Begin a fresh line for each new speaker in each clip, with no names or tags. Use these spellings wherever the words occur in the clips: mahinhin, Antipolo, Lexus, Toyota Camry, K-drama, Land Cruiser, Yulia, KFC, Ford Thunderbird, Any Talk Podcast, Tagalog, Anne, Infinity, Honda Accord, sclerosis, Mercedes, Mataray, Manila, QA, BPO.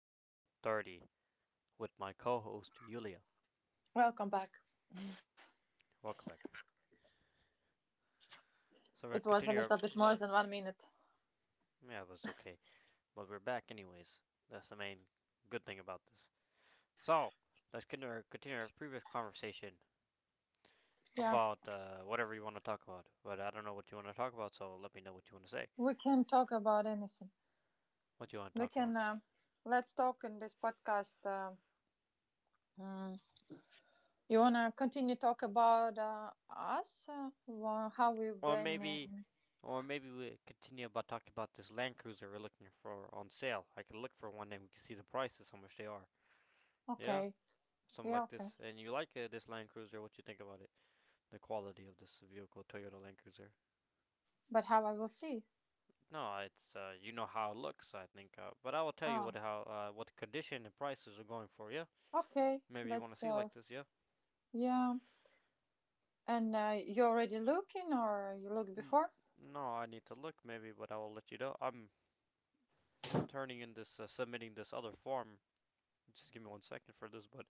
episode 30, with my co host, Yulia.
Welcome back.
Welcome back. So we're gonna
It was a
continue our.
little bit more than 1 minute.
Yeah, it was okay. But we're back, anyways. That's the main good thing about this. So, let's continue our, previous conversation
Yeah,
about whatever you want to talk about. But I don't know what you want to talk about, so let me know what you want to say.
we can talk about anything.
What you want to
We
talk
can
about.
Let's talk in this podcast. Mm, you wanna continue talk about us? Wha- how we've
Or
been?
maybe.
In-
Or maybe we continue about talking about this Land Cruiser we're looking for on sale. I can look for one and we can see the prices, how much they are. Yeah,
Okay.
something
Yeah.
like
Okay.
this, and you like this Land Cruiser, what you think about it? The quality of this vehicle, Toyota Land Cruiser.
But how I will see?
No, it's you know how it looks, I think. But I will tell you what
Oh.
how what condition and prices are going for. Yeah,
Okay.
maybe you want to
Let's.
see like this. Yeah.
Yeah. And you already looking or you looked
N-
before?
no, I need to look maybe, but I will let you know. I'm turning in this, submitting this other form. Just give me 1 second for this, but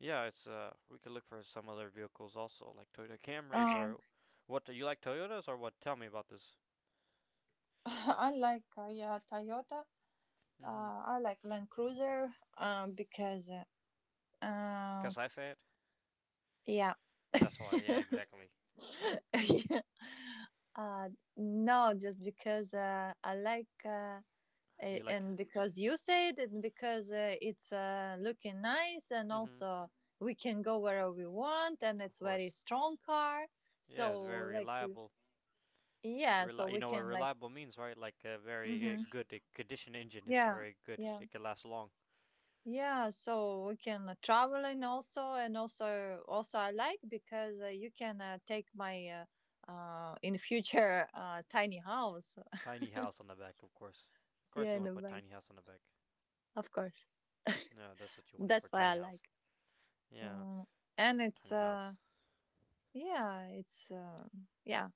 yeah, it's we could look for some other vehicles also, like Toyota Camrys
Um,
or what. Do you like Toyotas or what? Tell me about this.
I like yeah, Toyota.
Mhm.
I like Land Cruiser, because Uh,
Cause I say it.
yeah.
That's why, yeah, exactly.
uh, no, just because I like
You like,
and because you said and because it's looking nice and
mm-hmm,
also we can go wherever we want and
of
it's very
course.
strong car.
Yeah,
So
it's very
like we-
reliable.
yeah, so
You
we
know what
can like
reliable means, right? Like a very
hmm
good condition engine. It's
yeah,
very good.
yeah.
It can last long.
Yeah, so we can travel and also I like because you can take my in future tiny house.
Tiny house on the back, of course. Of course,
Yeah,
you
in
want to
the
put
back.
tiny house on the back.
Of course.
No, that's what you wanted for
That's why
tiny
I
house.
like.
Yeah,
Mm, and it's
tiny house.
yeah, it's uh yeah.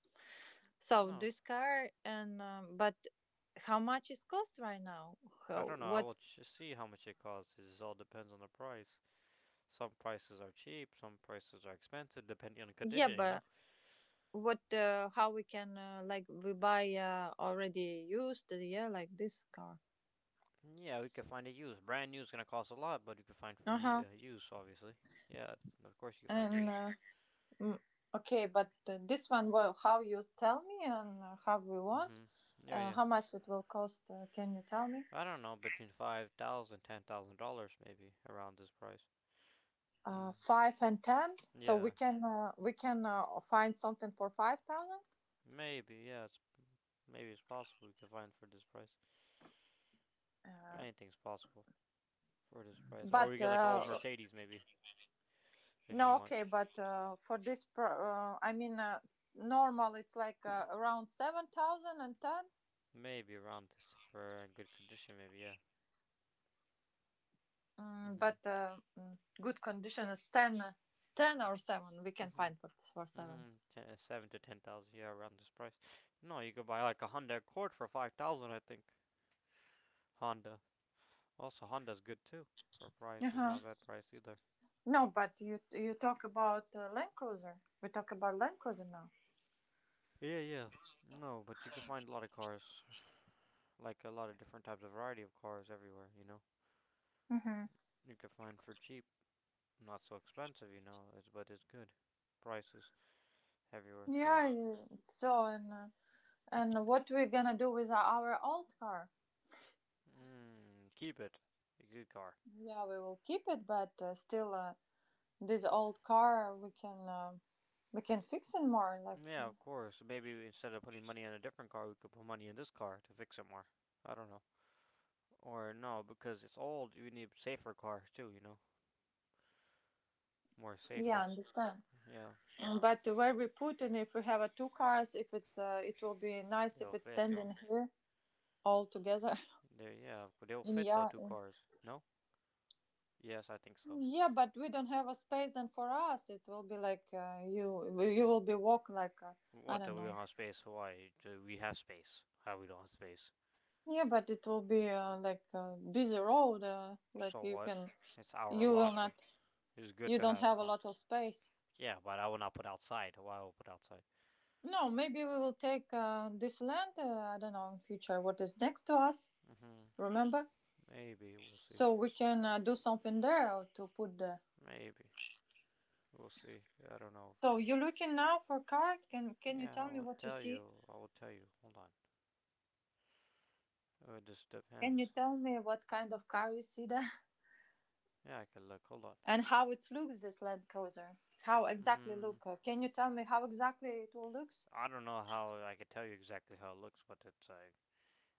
So
No,
this car and but how much is cost right now?
I
How
don't know.
what
See how much it costs. It all depends on the price. Some prices are cheap. Some prices are expensive, depending on the
yeah,
condition. You know.
but what how we can like we buy already used yeah like this car.
Yeah, we could find a used. Brand new is gonna cost a lot, but you could find for
Uh-huh.
new, use, obviously. Yeah, of course you can find
And
use.
mm, okay, but this one well how you tell me and how we want
Hmm. Yeah, yeah.
how much it will cost, can you tell me?
I don't know, between 5,000, dollars and $10,000, maybe around this price. Mm.
Five and ten, so we
Yeah,
can find something for 5,000.
maybe. Yeah, it's maybe it's possible we could find for this price.
Uh,
Anything's possible for this price. Or
but
we get like an old Mercedes, maybe, if you
No,
want.
okay, but for this, I mean, normal it's like around seven thousand and ten.
Maybe around this for a good condition, maybe. Yeah. Hmm.
Good condition is ten, ten or seven. We can
Hmm.
find for seven.
Mm-hmm. 7 to 10,000, yeah, around this price. No, you could buy like a Honda Accord for 5,000, I think. Honda. Also, Honda's good too for a
Uh
price. It's not
huh.
a bad price either.
No, but you talk about Land Cruiser. We talk about Land Cruiser now.
Yeah, yeah. No, but you can find a lot of cars, like a lot of different types of variety of cars everywhere. You know,
Mm-hmm.
you can find for cheap, not so expensive. You know, it's but it's good prices everywhere for
Yeah,
this.
it's so and. And what we're gonna do with our old car?
Mm, keep it. A good car.
Yeah, we will keep it, but still, this old car we can fix it more. Like,
Yeah, of course. Maybe instead of putting money in a different car, we could put money in this car to fix it more. I don't know. Or no, because it's old, you need safer cars too, you know? More
yeah,
safer.
understand.
Yeah,
But where we put it, if we have two cars, if it's it will be nice if
they'll
it's
fit.
standing here all together.
They, yeah, they'll
And
fit though,
yeah,
two cars. No? Yes, I think so.
yeah, but we don't have a space, and for us it will be like you will be walk like I
What,
don't
do we
know.
don't have space? Why? Do we have space? How we don't have space?
Yeah, but it will be like a busy road. Like
So
you
what?
can
It's our
you will
lot.
not.
It's good
You
to
don't
have
have a
more.
lot of space.
Yeah, but I will not put outside. Why I will I put outside?
No, maybe we will take this land. I don't know in future what is next to us.
Hmm.
Remember,
Maybe we'll see.
so we can do something there or to put the.
Maybe we'll see. I don't know.
So you're looking now for car. Can you
Yeah, I
tell me
will
what you
tell
see?
you. I will tell you. Hold on. Oh, it just
Can you
depends.
tell me what kind of car you see there,
Yeah, I can look. Hold on.
and how it looks this Land Cruiser? How exactly
Hmm.
look? Can you tell me how exactly it will looks?
I don't know how I could tell you exactly how it looks, but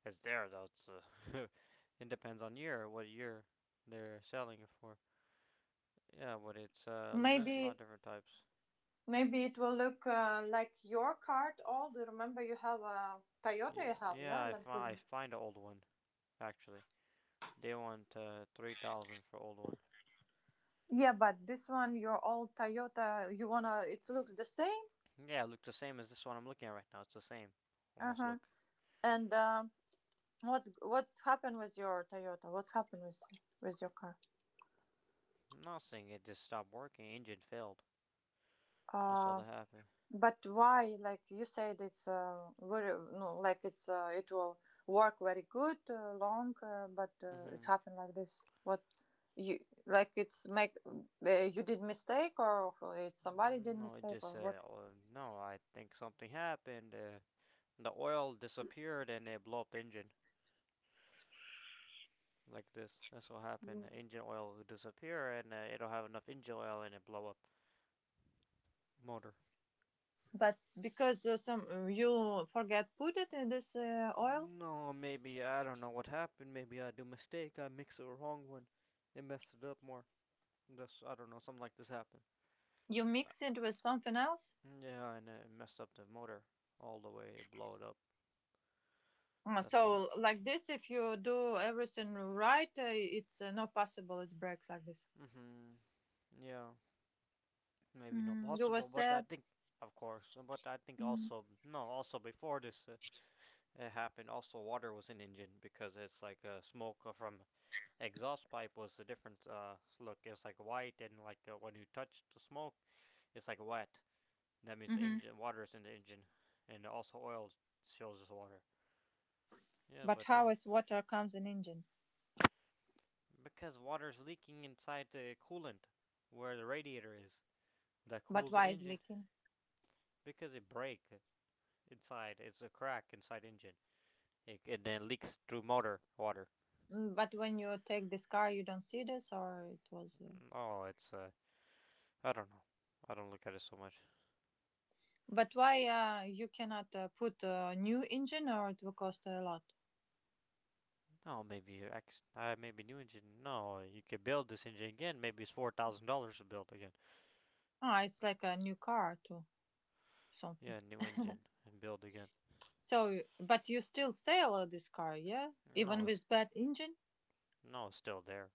it's there though. It's it depends on year, what year they're selling it for. Yeah, but it's there's a lot of
Maybe
different types.
Maybe it will look like your card old. Remember, you have a Toyota.
Yeah,
You have
yeah.
yeah, Land
I
Cruiser.
find an old one actually. They want 3,000 for old one.
Yeah, but this one, your old Toyota, you wanna. It looks the same.
Yeah, it looks the same as this one I'm looking at right now. It's the same,
Uh
almost
huh.
look.
And what's happened with your Toyota? What's happened with your car?
Not saying it just stopped working. Engine failed. That's all
Uh,
that happened.
But why? Like you said, it's very no, like it's it will work very good, long, but it's
Hmm.
happened like this. What you like? It's make you did mistake, or it's somebody did
No, it
mistake,
just
or what?
said, oh, no, I think something happened. The oil disappeared and it blew up the engine like this. That's what happened. The engine oil will disappear and it'll have enough engine oil and it blow up motor.
But because some you forget put it in this oil,
No, maybe I don't know what happened. Maybe I do mistake. I mixed the wrong one. It messed it up more. That's I don't know. Something like this happened.
you
Uh,
mix it with something else.
Yeah, and it messed up the motor all the way. It blew it up. That's why.
So like this, if you do everything right, it's not possible. It breaks like this.
Mhm. Yeah, maybe not
You were
possible, but I
sad.
think, of course, but I think also no, also before this, it happened. Also, water was an engine because it's like a smoke from exhaust pipe was the different look. It's like white, and like when you touch the smoke, it's like wet. That means the
Mm-hmm.
engine water is in the engine, and also oil shows as water. Yeah,
But
but
how is water comes in engine?
because water's leaking inside the coolant, where the radiator is, that
But
cools the
why is
engine
leaking?
because it break inside. It's a crack inside engine. It then leaks through motor water.
But when you take this car, you don't see this, or it was.
Mm, oh, it's I don't know. I don't look at it so much.
But why you cannot put a new engine, or it will cost a lot?
No, maybe your ex. Maybe new engine. No, you could build this engine again. Maybe it's $4,000 to build again.
Ah, it's like a new car too, something.
Yeah, new engine and build again.
So, but you still sell this car, yeah?
No,
Even
it's
with bad engine,
no, it's still there.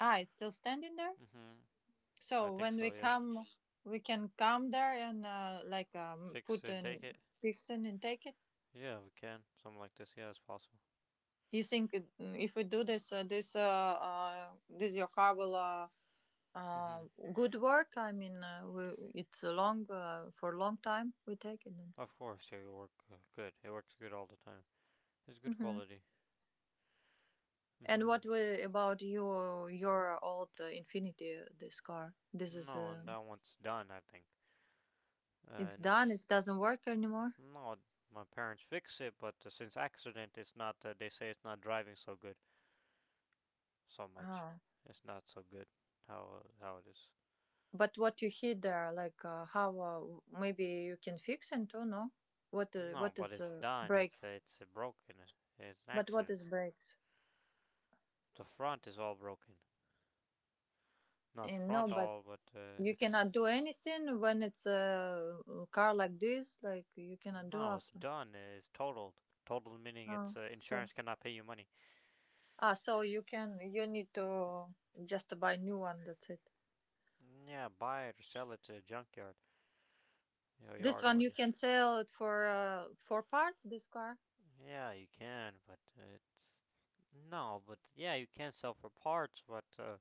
ah, it's still standing there.
Mhm. I
So
think
when we
so. Yeah.
come, we can come there and like
Fix
put
and take
and
it.
fix it and take it.
Yeah, we can. Something like this. Yeah, it's possible.
You think it- if we do this, this your car will uh,
Mhm.
good work? I mean, it's a long for a long time. We take it. Then.
Of course, yeah, it works good. It works good all the time. It's good
Hmm
quality.
And
Mhm.
what we, about you? Your old Infinity, this car. This is
No, and that one's done. I think. Uh,
it's done. It doesn't work anymore.
no, my parents fix it, but since accident, it's not. They say it's not driving so good. So much.
Ah.
It's not so good how it is.
But what you hit there, like how maybe you can fix it too? No.
No,
What
but
is
it's done. It's uh,
brakes?
it's uh, broken. It's an
But what
accident.
is brakes?
The front is all broken. Not
No,
front
but
all, but
you
it's
cannot do anything when it's a car like this. Like you cannot do
no, it's
after.
done. It's totaled. Totaled meaning
Ah,
it's
so
insurance cannot pay you money.
ah, so you can. You need to just buy new one. That's it.
Yeah, buy it or sell it to a junkyard. You
This
yard
one
or
you can sell it for parts. This car,
yeah, you can, but it's no, but yeah, you can sell for parts, but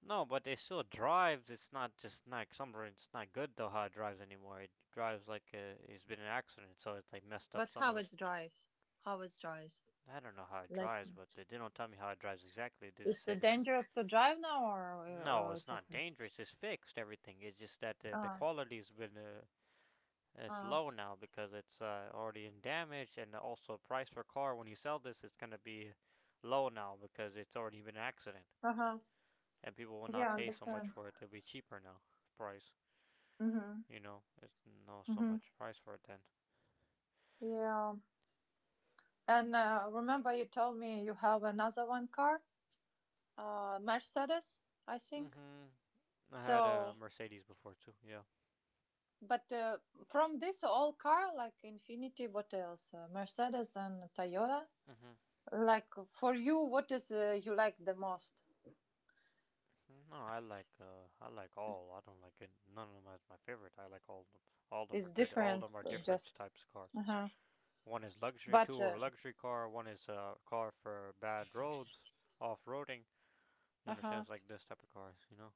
no, but it still drives. It's not just like somewhere. It's not good though how it drives anymore. It drives like it's been an accident, so it's like messed up
but
some
how
of the.
it drives? How it drives?
I don't know how it
Like
drives, but they do not tell me how it drives exactly. They just
it's
say it's
dangerous to drive now,
no,
or
it's
it's
not
okay.
dangerous. It's fixed everything. It's just that the
Ah,
quality's been it's
ah,
low now because it's already in damage, and also price for car when you sell this, it's gonna be low now because it's already been an accident,
uh huh.
and people will
Yeah,
not pay so much
understand.
for it. It'll be cheaper now price.
Mhm.
You know, there's not so
Mhm.
much price for it then.
Yeah. And remember, you told me you have another one car. Mercedes, I think.
Mm-hmm. I had a
So,
Mercedes before too. Yeah.
but from this all car, like Infinity, what else? Mercedes and Toyota.
Mm-hmm.
Like for you, what is you like the most?
No, I like all. I don't like it. None of them is my favorite. I like all of them. All of them are
It's
good. All of
different,
them are different
just.
types of car.
Uh huh.
One is luxury,
But
two are
uh
luxury car. One is a car for bad roads, off roading. You understand?
huh.
It's like this type of cars, you know.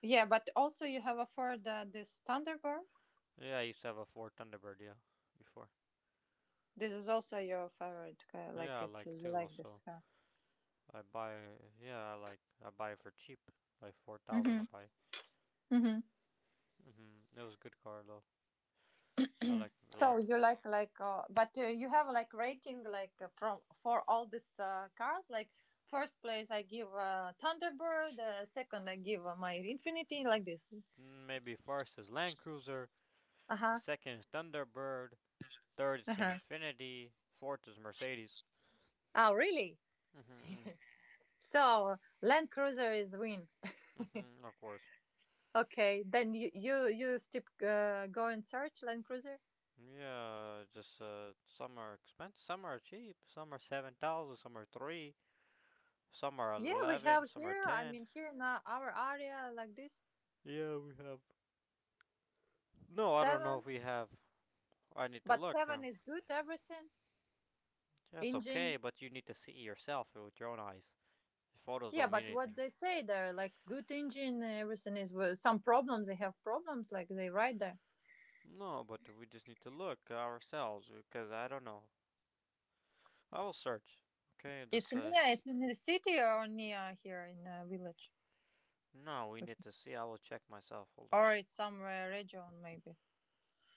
Yeah, but also you have a Ford this Thunderbird.
Yeah, I used to have a Ford Thunderbird. Yeah, before.
This is also your favorite car. Like
Yeah, I
it's
like
you
too.
like this
Also,
car.
I buy. Yeah, I like. I buy it for cheap. Like 4,000.
Mm-hmm.
I buy it.
Mm-hmm.
Mm-hmm. It was a good car though. I liked it a
So
lot.
you like but you have like rating like from for all these cars, like first place I give Thunderbird, second I give my Infinity, like this.
Mm, maybe first is Land Cruiser,
Uh-huh.
second is Thunderbird, third is
Uh-huh.
Infinity, fourth is Mercedes.
Oh really?
Mm-hmm.
So Land Cruiser is win.
Mm-hmm. Of course.
Okay, then you still go and search Land Cruiser.
Yeah, just some are expensive, some are cheap, some are 7,000, some are three, some are
Yeah, we
11,
have
some are
here. I
ten.
mean here in our area like this
Yeah, we have. No, I don't know if
seven,
we have. I need to
but
look.
seven is good everything
Yeah, okay,
engine.
but you need to see it yourself with your own eyes. Photos
Yeah,
don't mean
but what
anything.
they say there, like good engine, everything is well, some problems. They have problems, like they ride there.
No, but we just need to look ourselves because I don't know. I will search. Okay,
It's
just
near.
uh.
It's in the city or near here in a village,
No, we
Okay.
need to see. I will check myself. Hold on.
or it's somewhere region maybe.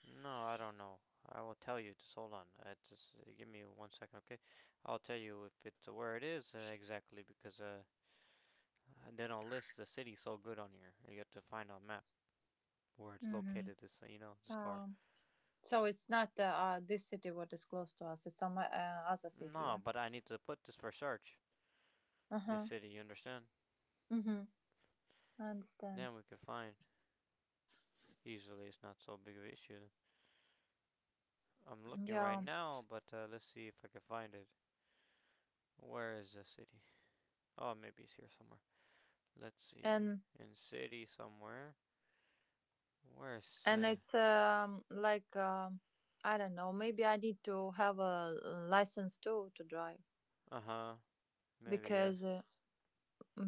No, I don't know. I will tell you. Just hold on. Just give me 1 second, okay? I'll tell you if it's where it is exactly because they don't list the city so good on here. You have to find on map where it's
Hmm
located. This you know this car.
Um, so it's not this city what is close to us. It's some other city.
No,
Yeah.
but I need to put this for search.
Uh
This
huh.
city, you understand?
Mm-hmm. I understand.
Then we can find easily. It's not so big of an issue. I'm looking right
Yeah,
now, but let's see if I can find it. Where is the city? Oh, maybe it's here somewhere. Let's see.
and
In city somewhere. Where's?
and it's like I don't know. Maybe I need to have a license too to drive
Uh huh. Maybe yes.
because uh,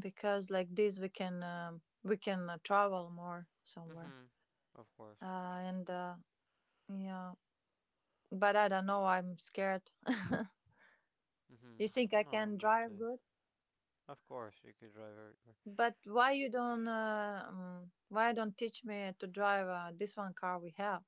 because like this we can travel more somewhere,
Mm-hmm. Of course.
and yeah, but I don't know, I'm scared. You think
Mm-hmm.
I
No,
can
but
drive good?
of course you could drive everywhere.
But why you don't why don't teach me to drive this one car we have?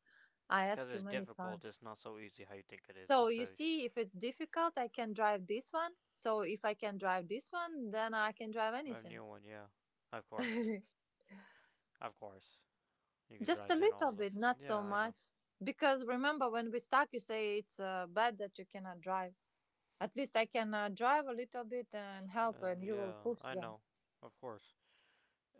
I
Because
ask you
it's
many
difficult.
times,
It's not so easy how you think it is.
so
It's
you
a
see, if it's difficult I can drive this one, so if I can drive this one then I can drive
drive
anything.
new one. Yeah. Of course. Of course. You could
Just a
drive then
little
all the.
bit, not
Yeah,
so
I know.
much. Because remember, when we stuck, you say it's bad that you cannot drive. At least I can drive a little bit and help, and
And
you will
yeah,
push
I
them.
know. Of course.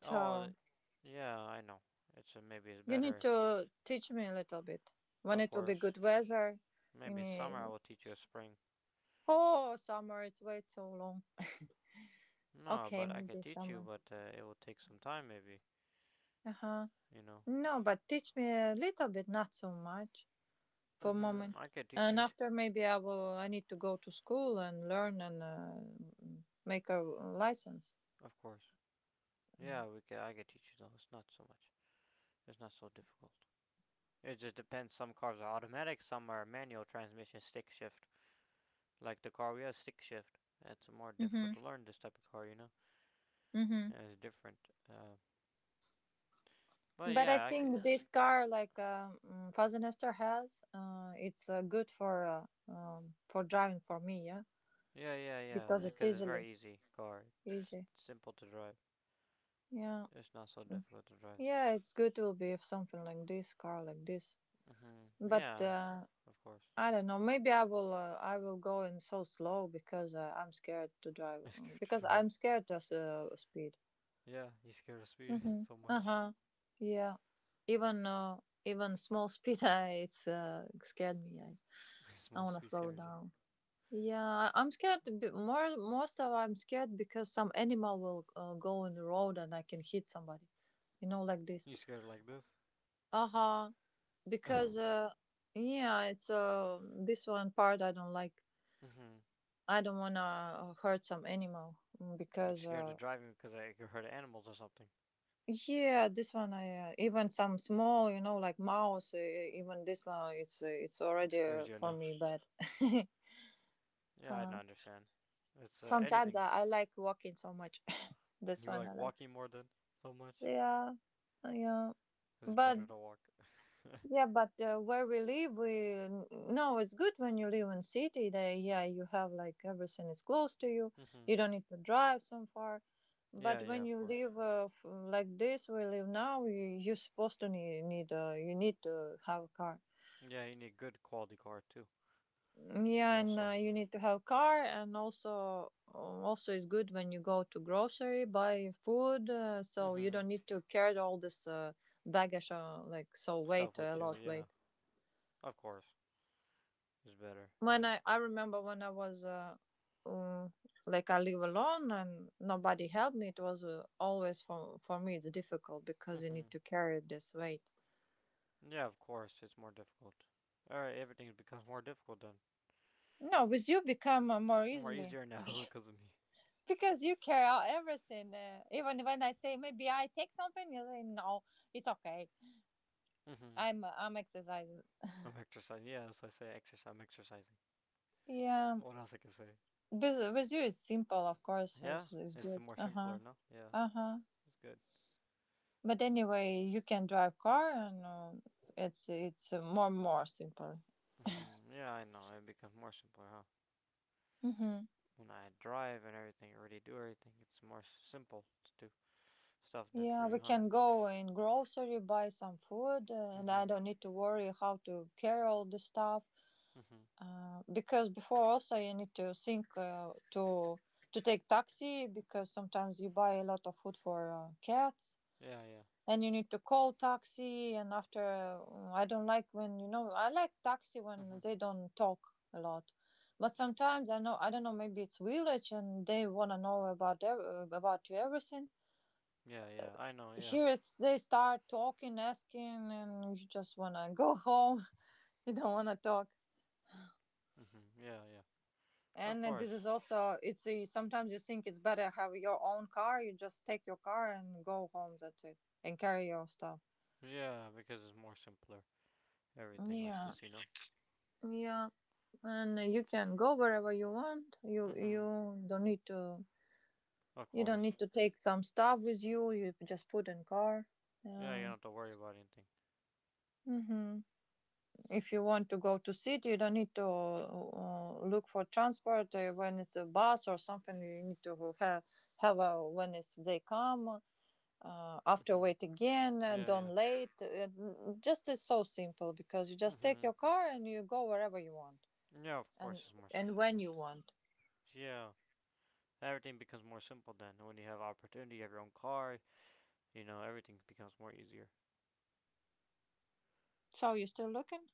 Oh,
So
yeah, I know. It's maybe it's
you
better
need
if,
to teach me a little bit. When
of
it will be
course,
good weather, you
maybe in summer I
need.
will teach you a spring.
Oh, summer, it's way too long.
No,
Okay,
but I
maybe
could teach you,
summer.
but it will take some time, maybe.
Uh huh.
You know.
No, but teach me a little bit, not so much. For a
Mhm. I
moment.
could teach
And
you,
after, maybe I will. I need to go to school and learn and make a license.
of course. Yeah, we could. I could teach you though. It's not so much. It's not so difficult. It just depends. Some cars are automatic. Some are manual transmission, stick shift. Like the car we have, stick shift. It's more difficult
Mm-hmm.
to learn this type of car, you know.
Mm-hmm.
And it's different. But
But I
yeah, I could,
think this car, like Fazenester has, it's good for driving for me, yeah,
yeah, yeah, yeah.
because it's
Because it's
easily
very easy car. It's
easy.
simple to drive.
Yeah,
It's not so difficult to drive.
yeah, it's good. Will be if something like this car, like this.
Hmm.
But
Yeah, of course.
I don't know. Maybe I will. I will go in so slow because I'm scared to drive.
It's scared to
Because
drive.
I'm scared of speed.
Yeah, you scared of speed
Mm-hmm.
so
Uh
much.
huh. Yeah. Even even small speed, it's scared me. I
Small
wanna
speed
slow
scares you.
down. Yeah, I'm scared. More most of I'm scared because some animal will go in the road and I can hit somebody. You know, like this.
You scared like this.
Uh huh.
Hmm.
Because yeah, it's this one part I don't like. I don't wanna hurt some animal,
You
because
scared of driving because I could hurt animals or something.
yeah, this one I even some small, you know, like mouse. Even this one, it's
It
already
scares you
for
enough.
me bad.
Yeah, I don't
uh,
understand. It's
Sometimes
anything.
I like walking so much. That's
You
one
like
I like.
walking more than so much.
Yeah, yeah.
It's
But
better to walk.
yeah, but where we live, we n- no, it's good when you live in city. That yeah, you have like everything is close to you. You
Hmm.
don't need to drive so far. But
Yeah, yeah,
when
of
you
course.
live like this, we live now. You're supposed to need need you need to have a car.
Yeah, you need good quality car too.
Yeah, and
Also.
you need to have car, and also it's good when you go to grocery buy food, so you
Hmm.
don't need to carry all this baggage like so
Stuff
weight a
with you,
lot
yeah.
weight.
Of course. It's better, you
when
know.
I, I remember when I was um, like I live alone and nobody helped me, it was always for me it's difficult because you
Hmm.
need to carry this weight.
Yeah, of course. It's more difficult. Alright, everything becomes more difficult then.
No, with you become more
More
easily
easier now because of me.
because you carry out everything. Even when I say maybe I take something, you say no, it's okay.
Hmm.
I'm exercising.
I'm exercising. Yeah, as I say, exercise. I'm exercising.
Yeah,
What else I can say?
with you it's simple, of course.
Yeah,
It's
it's
good.
more
Uh huh.
simpler, no? Yeah,
Uh huh.
it's good.
But anyway, you can drive car, and it's more simple.
Hmm. Yeah, I know. It becomes more simpler, huh?
Hmm.
When I drive and everything, already do everything, it's more simple to do stuff than for
Yeah,
you,
we
huh?
can go in grocery, buy some food, and I
Hmm.
don't need to worry how to carry all the stuff.
Hmm.
Because before also you need to think to take taxi because sometimes you buy a lot of food for cats.
Yeah, yeah.
Then you need to call taxi, and after I don't like when I like taxi when
Hmm.
they don't talk a lot, but sometimes I don't know maybe it's village and they wanna know about you everything.
Yeah, yeah, I know, yeah.
Here it's they start talking, asking, and you just wanna go home. You don't wanna talk.
Hmm. Yeah, yeah. Of
And this
course.
is also sometimes you think it's better have your own car. You just take your car and go home. That's it, and carry your stuff.
Yeah, because it's more simpler. Everything like
Yeah,
this, you know?
yeah. And you can go wherever you want. you
Hmm.
you don't need to
Of course.
take some stuff with you. You just put in car.
Yeah, you
Yeah.
don't have to worry about anything.
Hmm. If you want to go to city you don't need to look for transport when it's a bus or something. You need to when it's they come, after
Hmm.
wait again,
Yeah, yeah.
don't late, just it's so simple because you just take
Hmm.
your car and you go wherever you want.
Yeah, of
and
course it's more
and
simple
when
like
you want.
this. Yeah. Everything becomes more simple then. When you have opportunity, you have your own car, you know, everything becomes more easier.
So you still looking?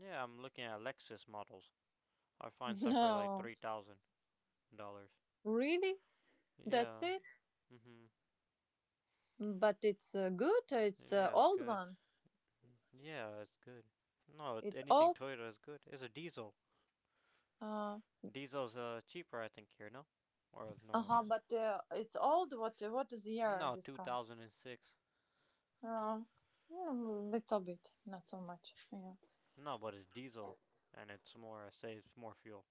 Yeah, I'm looking at Lexus models. I find some for like
No,
$3,000.
really? That's
Yeah.
it?
Mhm.
But it's good. Or it's
Yeah, it's
old
good.
one.
Yeah, it's good. No,
It's
anything
old.
Toyota is good. It's a diesel.
Uh
Diesel's cheaper, I think here, no? Or no,
huh.
it's,
But it's old. What is the year
no,
this
two
car?
thousand and six.
Uh, Little bit, not so much. Yeah.
No, but it's diesel, and it's more it saves more fuel.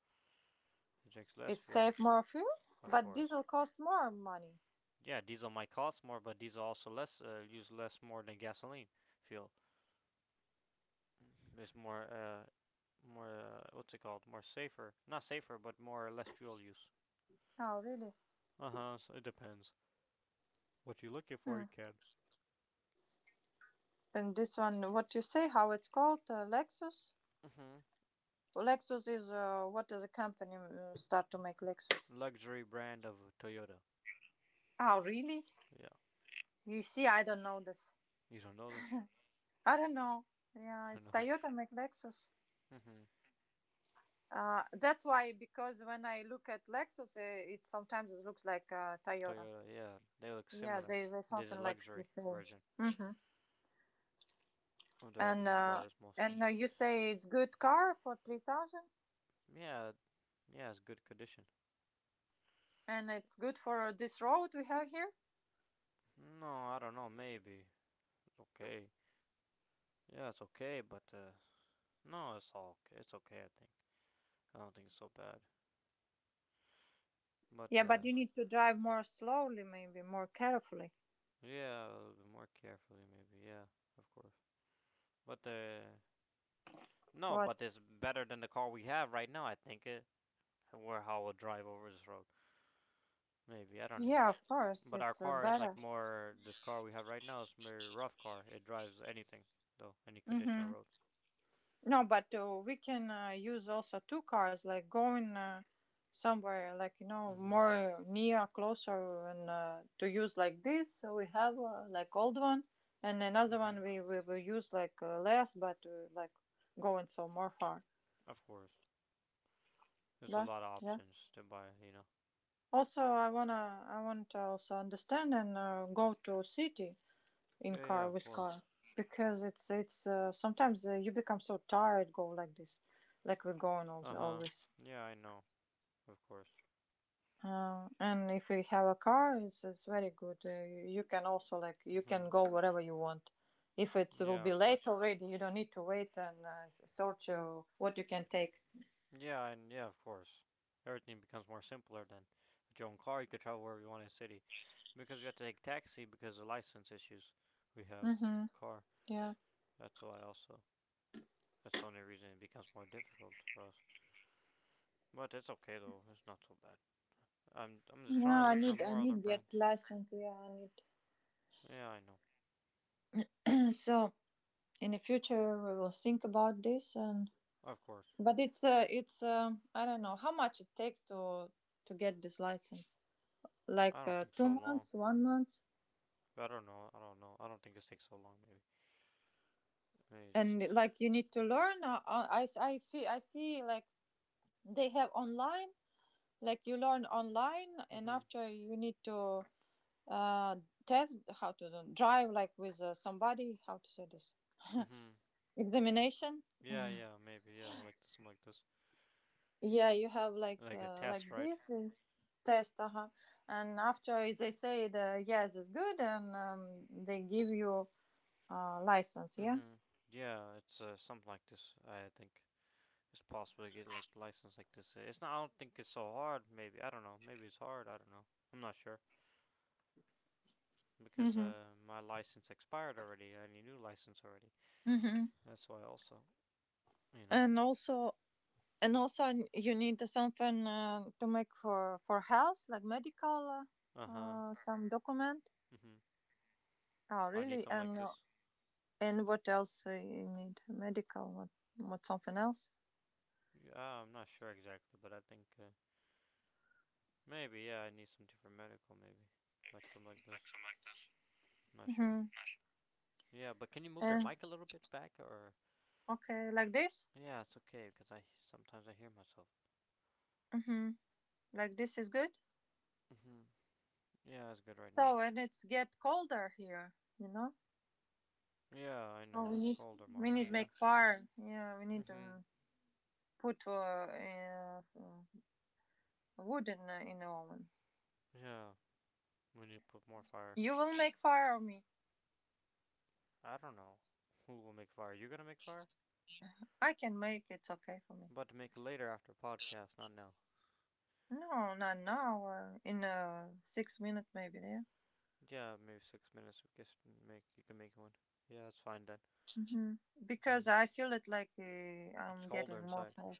It drinks less
It
fuel,
saved more fuel,
of
but
course.
diesel cost more money.
Yeah, diesel might cost more, but diesel also less use less more than gasoline fuel. It's more what's it called? More safer, not safer, but more less fuel use.
Oh really?
Uh huh. So it depends. What you're looking for,
Hmm.
you can.
And this one, what you say? How it's called? Lexus.
Mm-hmm.
Lexus is what is a company start to make Lexus?
Luxury brand of Toyota.
Oh really?
Yeah,
You see, I don't know this.
you don't know this?
I don't know. Yeah,
You
it's
know?
Toyota make Lexus.
Hmm.
That's why because when I look at Lexus, it sometimes it looks like Toyota.
Toyota. Yeah, they look
Yeah,
similar.
there's
This is
something like the
luxury
same.
version
Hmm.
of their
And uh,
cars mostly.
and You say it's good car for 3,000,
Yeah, yeah, it's good condition.
and it's good for this road we have here.
No, I don't know. Maybe it's okay. Yeah, it's okay, but no, it's all okay. It's okay. I think. I don't think it's so bad. But
Yeah, but you need to drive more slowly, maybe more carefully.
yeah, a little bit more carefully, maybe. Yeah, of course. But no,
What?
but it's better than the car we have right now. I think it. Where how we'll drive over this road. Maybe I don't know.
Yeah, of course,
But our
it's
car is like
better.
more. This car we have right now is more rough car. It drives anything though, any condition
Hmm.
road.
No, but we can use also two cars, like going somewhere, like
Mhm.
more near, closer, and to use like this. So we have like old one, and another one
Mhm.
we will use like less, but like going so more far.
Of course, there's a
But
lot of
yeah.
options to buy. You know.
Also, I want to also understand and go to city in
Yeah. Yeah.
car
Of
with
course.
car because it's sometimes, you become so tired go like this, like we're going all
Uh huh.
always.
Yeah. I know. Of course.
And if you have a car, it's very good. You can also like you can
Mhm.
go wherever you want. If it will
Yeah.
be
Of course.
late already, you don't need to wait and search what you can take.
Yeah. And yeah. Of course. Everything becomes more simpler then. With your own car, you could travel wherever you want in the city. Because we have to take taxi because of license issues. We have
Mm-hmm.
a car.
Yeah.
That's why also. That's the only reason it becomes more difficult for us. But it's okay though. It's not so bad. I'm just
Yeah,
trying to look for
I
more other
need get
brands.
license. Yeah, I need.
Yeah, I know.
So in the future we will think about this and
Of course.
but it's I don't know how much it takes to get this license.
I
Like
don't think
two
so long.
months, one month.
I don't know. I don't know. I don't think this takes so long. Maybe. Maybe
And
just.
like you need to learn I see like they have online, like you learn online and
Mhm.
after you need to uh test how to drive like with somebody, how to say this,
Mhm.
examination.
Yeah. Yeah. Maybe. Yeah. I like something like this.
Yeah, you have
Like a
like
test, right?
this and test. Uh-huh. And after they say the yes is good and they give you license. Yeah.
Mhm. Yeah. It's something like this. I think it's possible to get like license like this. It's not. I don't think it's so hard. Maybe. I don't know. Maybe it's hard. I don't know. I'm not sure because
Hmm.
my license expired already. I need a new license already.
Mm-hmm.
That's why also. You know.
And also. And also, you need something to make for health, like medical,
Uh huh.
some document.
Mhm.
Oh,
I need
really?
something like
And uh,
this.
and what else, you need? Medical? What something else?
Yeah, I'm not sure exactly, but I think maybe yeah, I need something for medical. Maybe like something like this. Not sure.
Mm-hmm.
Yeah, but can you move your
And
mic a little bit back or?
Okay, like this.
Yeah, it's okay because I sometimes I hear myself.
Mm-hmm. Like this is good.
Mhm. Yeah, it's good right now.
So and it's get colder here.
Yeah, I
So
know it's colder more
we
now.
need
Yeah.
make fire. Yeah, we need
Mhm.
to put wood in the oven.
Yeah, we need to put more fire.
You will make fire or me?
I don't know who will make fire. You gonna make fire?
I can make. It's okay for me.
I about to make later after podcast, not now.
No, not now. In 6 minutes, maybe. Yeah.
Yeah, maybe 6 minutes. I guess make you can make one. Yeah, that's fine then.
Hmm.
Hmm.
Because I feel it like
It's
I'm
colder
getting more
inside.
cold.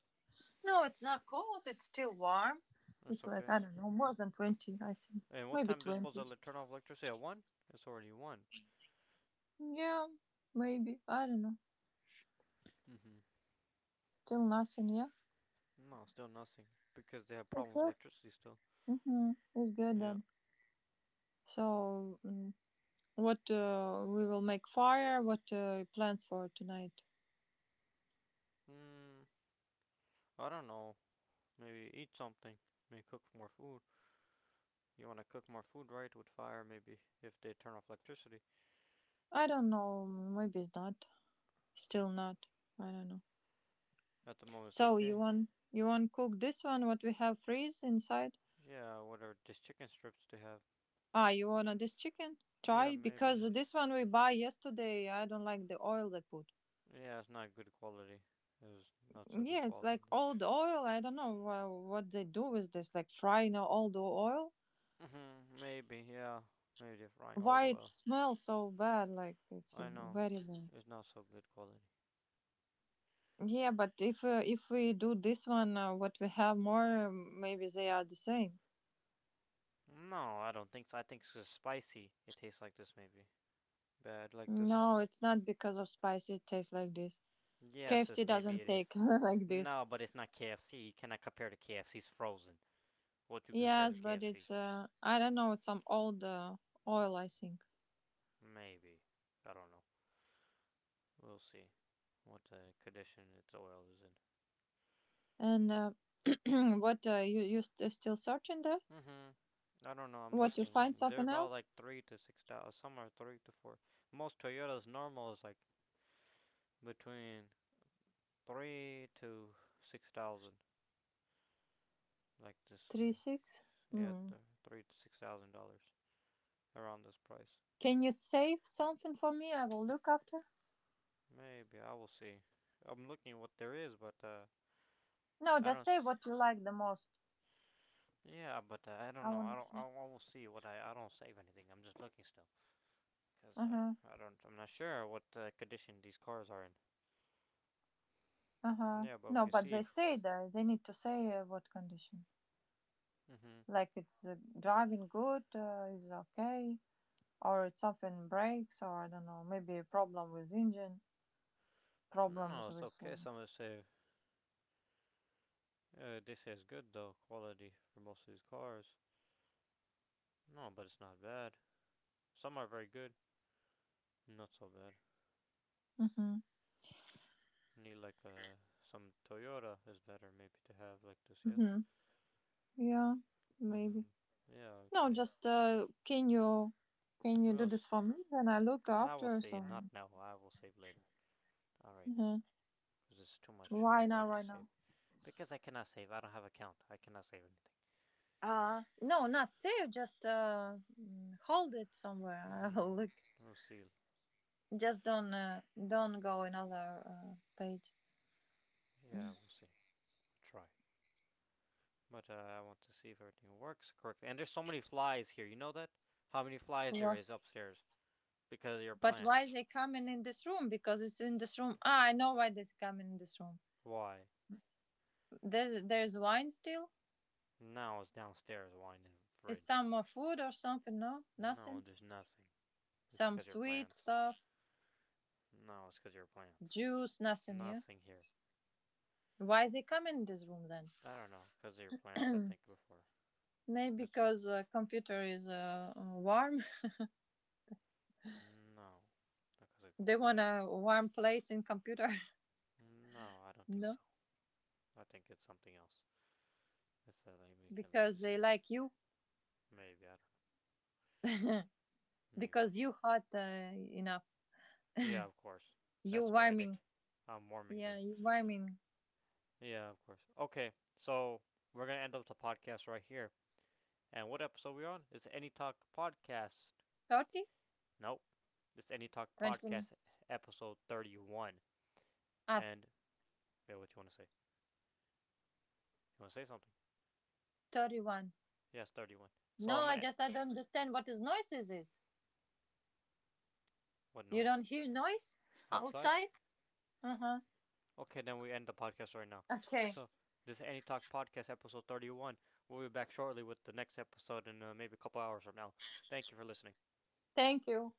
No, it's not cold. It's still warm.
That's
It's like
okay.
I don't know, more than 20. I think
And what
maybe
time they're supposed
20.
to turn off electricity at one? It's already one.
Yeah, maybe I don't know.
Mm-hmm.
Still nothing. Yeah,
No, still nothing because they have
it's
problems with
good.
electricity still.
Mm-hmm. It's good
Yeah.
then. So, what we will make fire? What plans for tonight?
Hmm. I don't know. Maybe eat something. Maybe cook more food. You want to cook more food, right? With fire, maybe if they turn off electricity.
I don't know. Maybe it's not. Still not. I don't know.
At the moment, it's
So
okay.
you want cook this one what we have freeze inside?
Yeah, whatever. These chicken strips they have.
Ah, you want this chicken?
Yeah,
Try,
maybe.
because this one we buy yesterday. I don't like the oil they put.
Yeah, it's not good quality. It was not so good
Yeah, it's
quality.
like
This.
old oil. I don't know what they do with this, like frying now all the oil.
Maybe, yeah. Maybe they're frying old
Why it
oil.
smells so bad? Like it's
I know.
very bad.
It's not so good quality.
Yeah, but if we do this one, what we have more, maybe they are the same.
No, I don't think so. I think it's spicy. It tastes like this, maybe. Bad like this.
No, it's not because of spicy. It tastes like this.
Yes,
KFC
it's, maybe
doesn't
it
take
is.
like this.
No, but it's not KFC. You cannot compare to KFC's frozen. What you compare to
Yes, but
KFC?
it's I don't know. It's some old oil, I think.
Maybe. I don't know. We'll see what condition its oil is in.
And What you still searching there?
Mm-hmm. I don't know. I'm
What you find
looking. They're
something
about
else?
like three to six thousand. Some are three to four. Most Toyotas normal is like between three to six thousand. Like this,
3-6.
yeah,
Hmm.
three to six thousand dollars around this price.
Can you save something for me? I will look after.
Maybe I will see. I'm looking what there is, but
No,
I
just
don't
say
see.
what you like the most.
Yeah, but I don't
I
know. I
wanna
don't. I
see.
I will see what I. I don't save anything. I'm just looking still, cause
Uh huh.
I don't. I'm not sure what condition these cars are in.
Uh huh.
Yeah, but we
No,
can
but they
see.
say that they need to say what condition.
Mm-hmm.
Like it's driving good, is okay, or it's something breaks, or I don't know, maybe a problem with engine.
No,
Problems
it's
with
okay.
him.
Some would say they say it's good though quality for most of these cars. No, but it's not bad. Some are very good, not so bad.
Mm-hmm.
Need like some Toyota is better maybe to have like this, yeah.
Mm-hmm. Yeah, maybe.
Mhm. Yeah, of
No,
course.
just can you
We'll.
do this for me? Then I look
I will
after
say not
some.
now. I will save later. All right now,
Mhm.
because it's too much
Why now?
work to
Right
save.
now.
Because I cannot save. I don't have an account. I cannot save anything.
No, not save. Just hold it somewhere. I
Mhm.
will look.
We'll see.
Just don't go another page.
Yeah, we'll see. We'll try. But I want to see if everything works correctly. And there's so many flies here. You know that? How many flies there
What?
is upstairs because of your
But why
plants?
they coming in this room? Because it's in this room. Ah, I know why they coming in this room.
Why?
There's wine still.
Now it's downstairs. Why in the
Is
fridge?
some more food or something? No,
No,
nothing.
there's nothing. It's
Some
because of your
sweet
plants.
stuff,
No, it's because of your plants.
juice, nothing, yeah?
Nothing here.
Why they come in this room
I don't know. Because of your plants, I
then?
think before.
Maybe
This one.
because the computer is warm.
No. Not because of
They want
computers.
a warm place in computer.
No, I don't think
No,
so. I think it's something else. It's that they make it like
because
this
they
here.
like you.
Maybe I don't know. Maybe.
Because you hot enough.
Yeah, of course.
You
That's why,
warming.
Dick. I'm warming
Yeah,
them.
you warming.
Yeah, of course. Okay, so we're gonna end up the podcast right here. And what episode are we on? It's Any Talk Podcast.
30?
Nope. It's Any Talk
20?
Podcast episode 31.
Ah,
And yeah, what you wanna say? You wanna say something?
31.
Yes, 31. So
No,
I'm gonna end.
I don't understand what is noises is.
What
You
noise?
don't hear noise
Outside?
outside? Uh-huh.
Okay, then we end the podcast right now.
Okay.
So this is Any Talk Podcast episode 31. We'll be back shortly with the next episode in maybe a couple hours from now. Thank you for listening.
Thank you.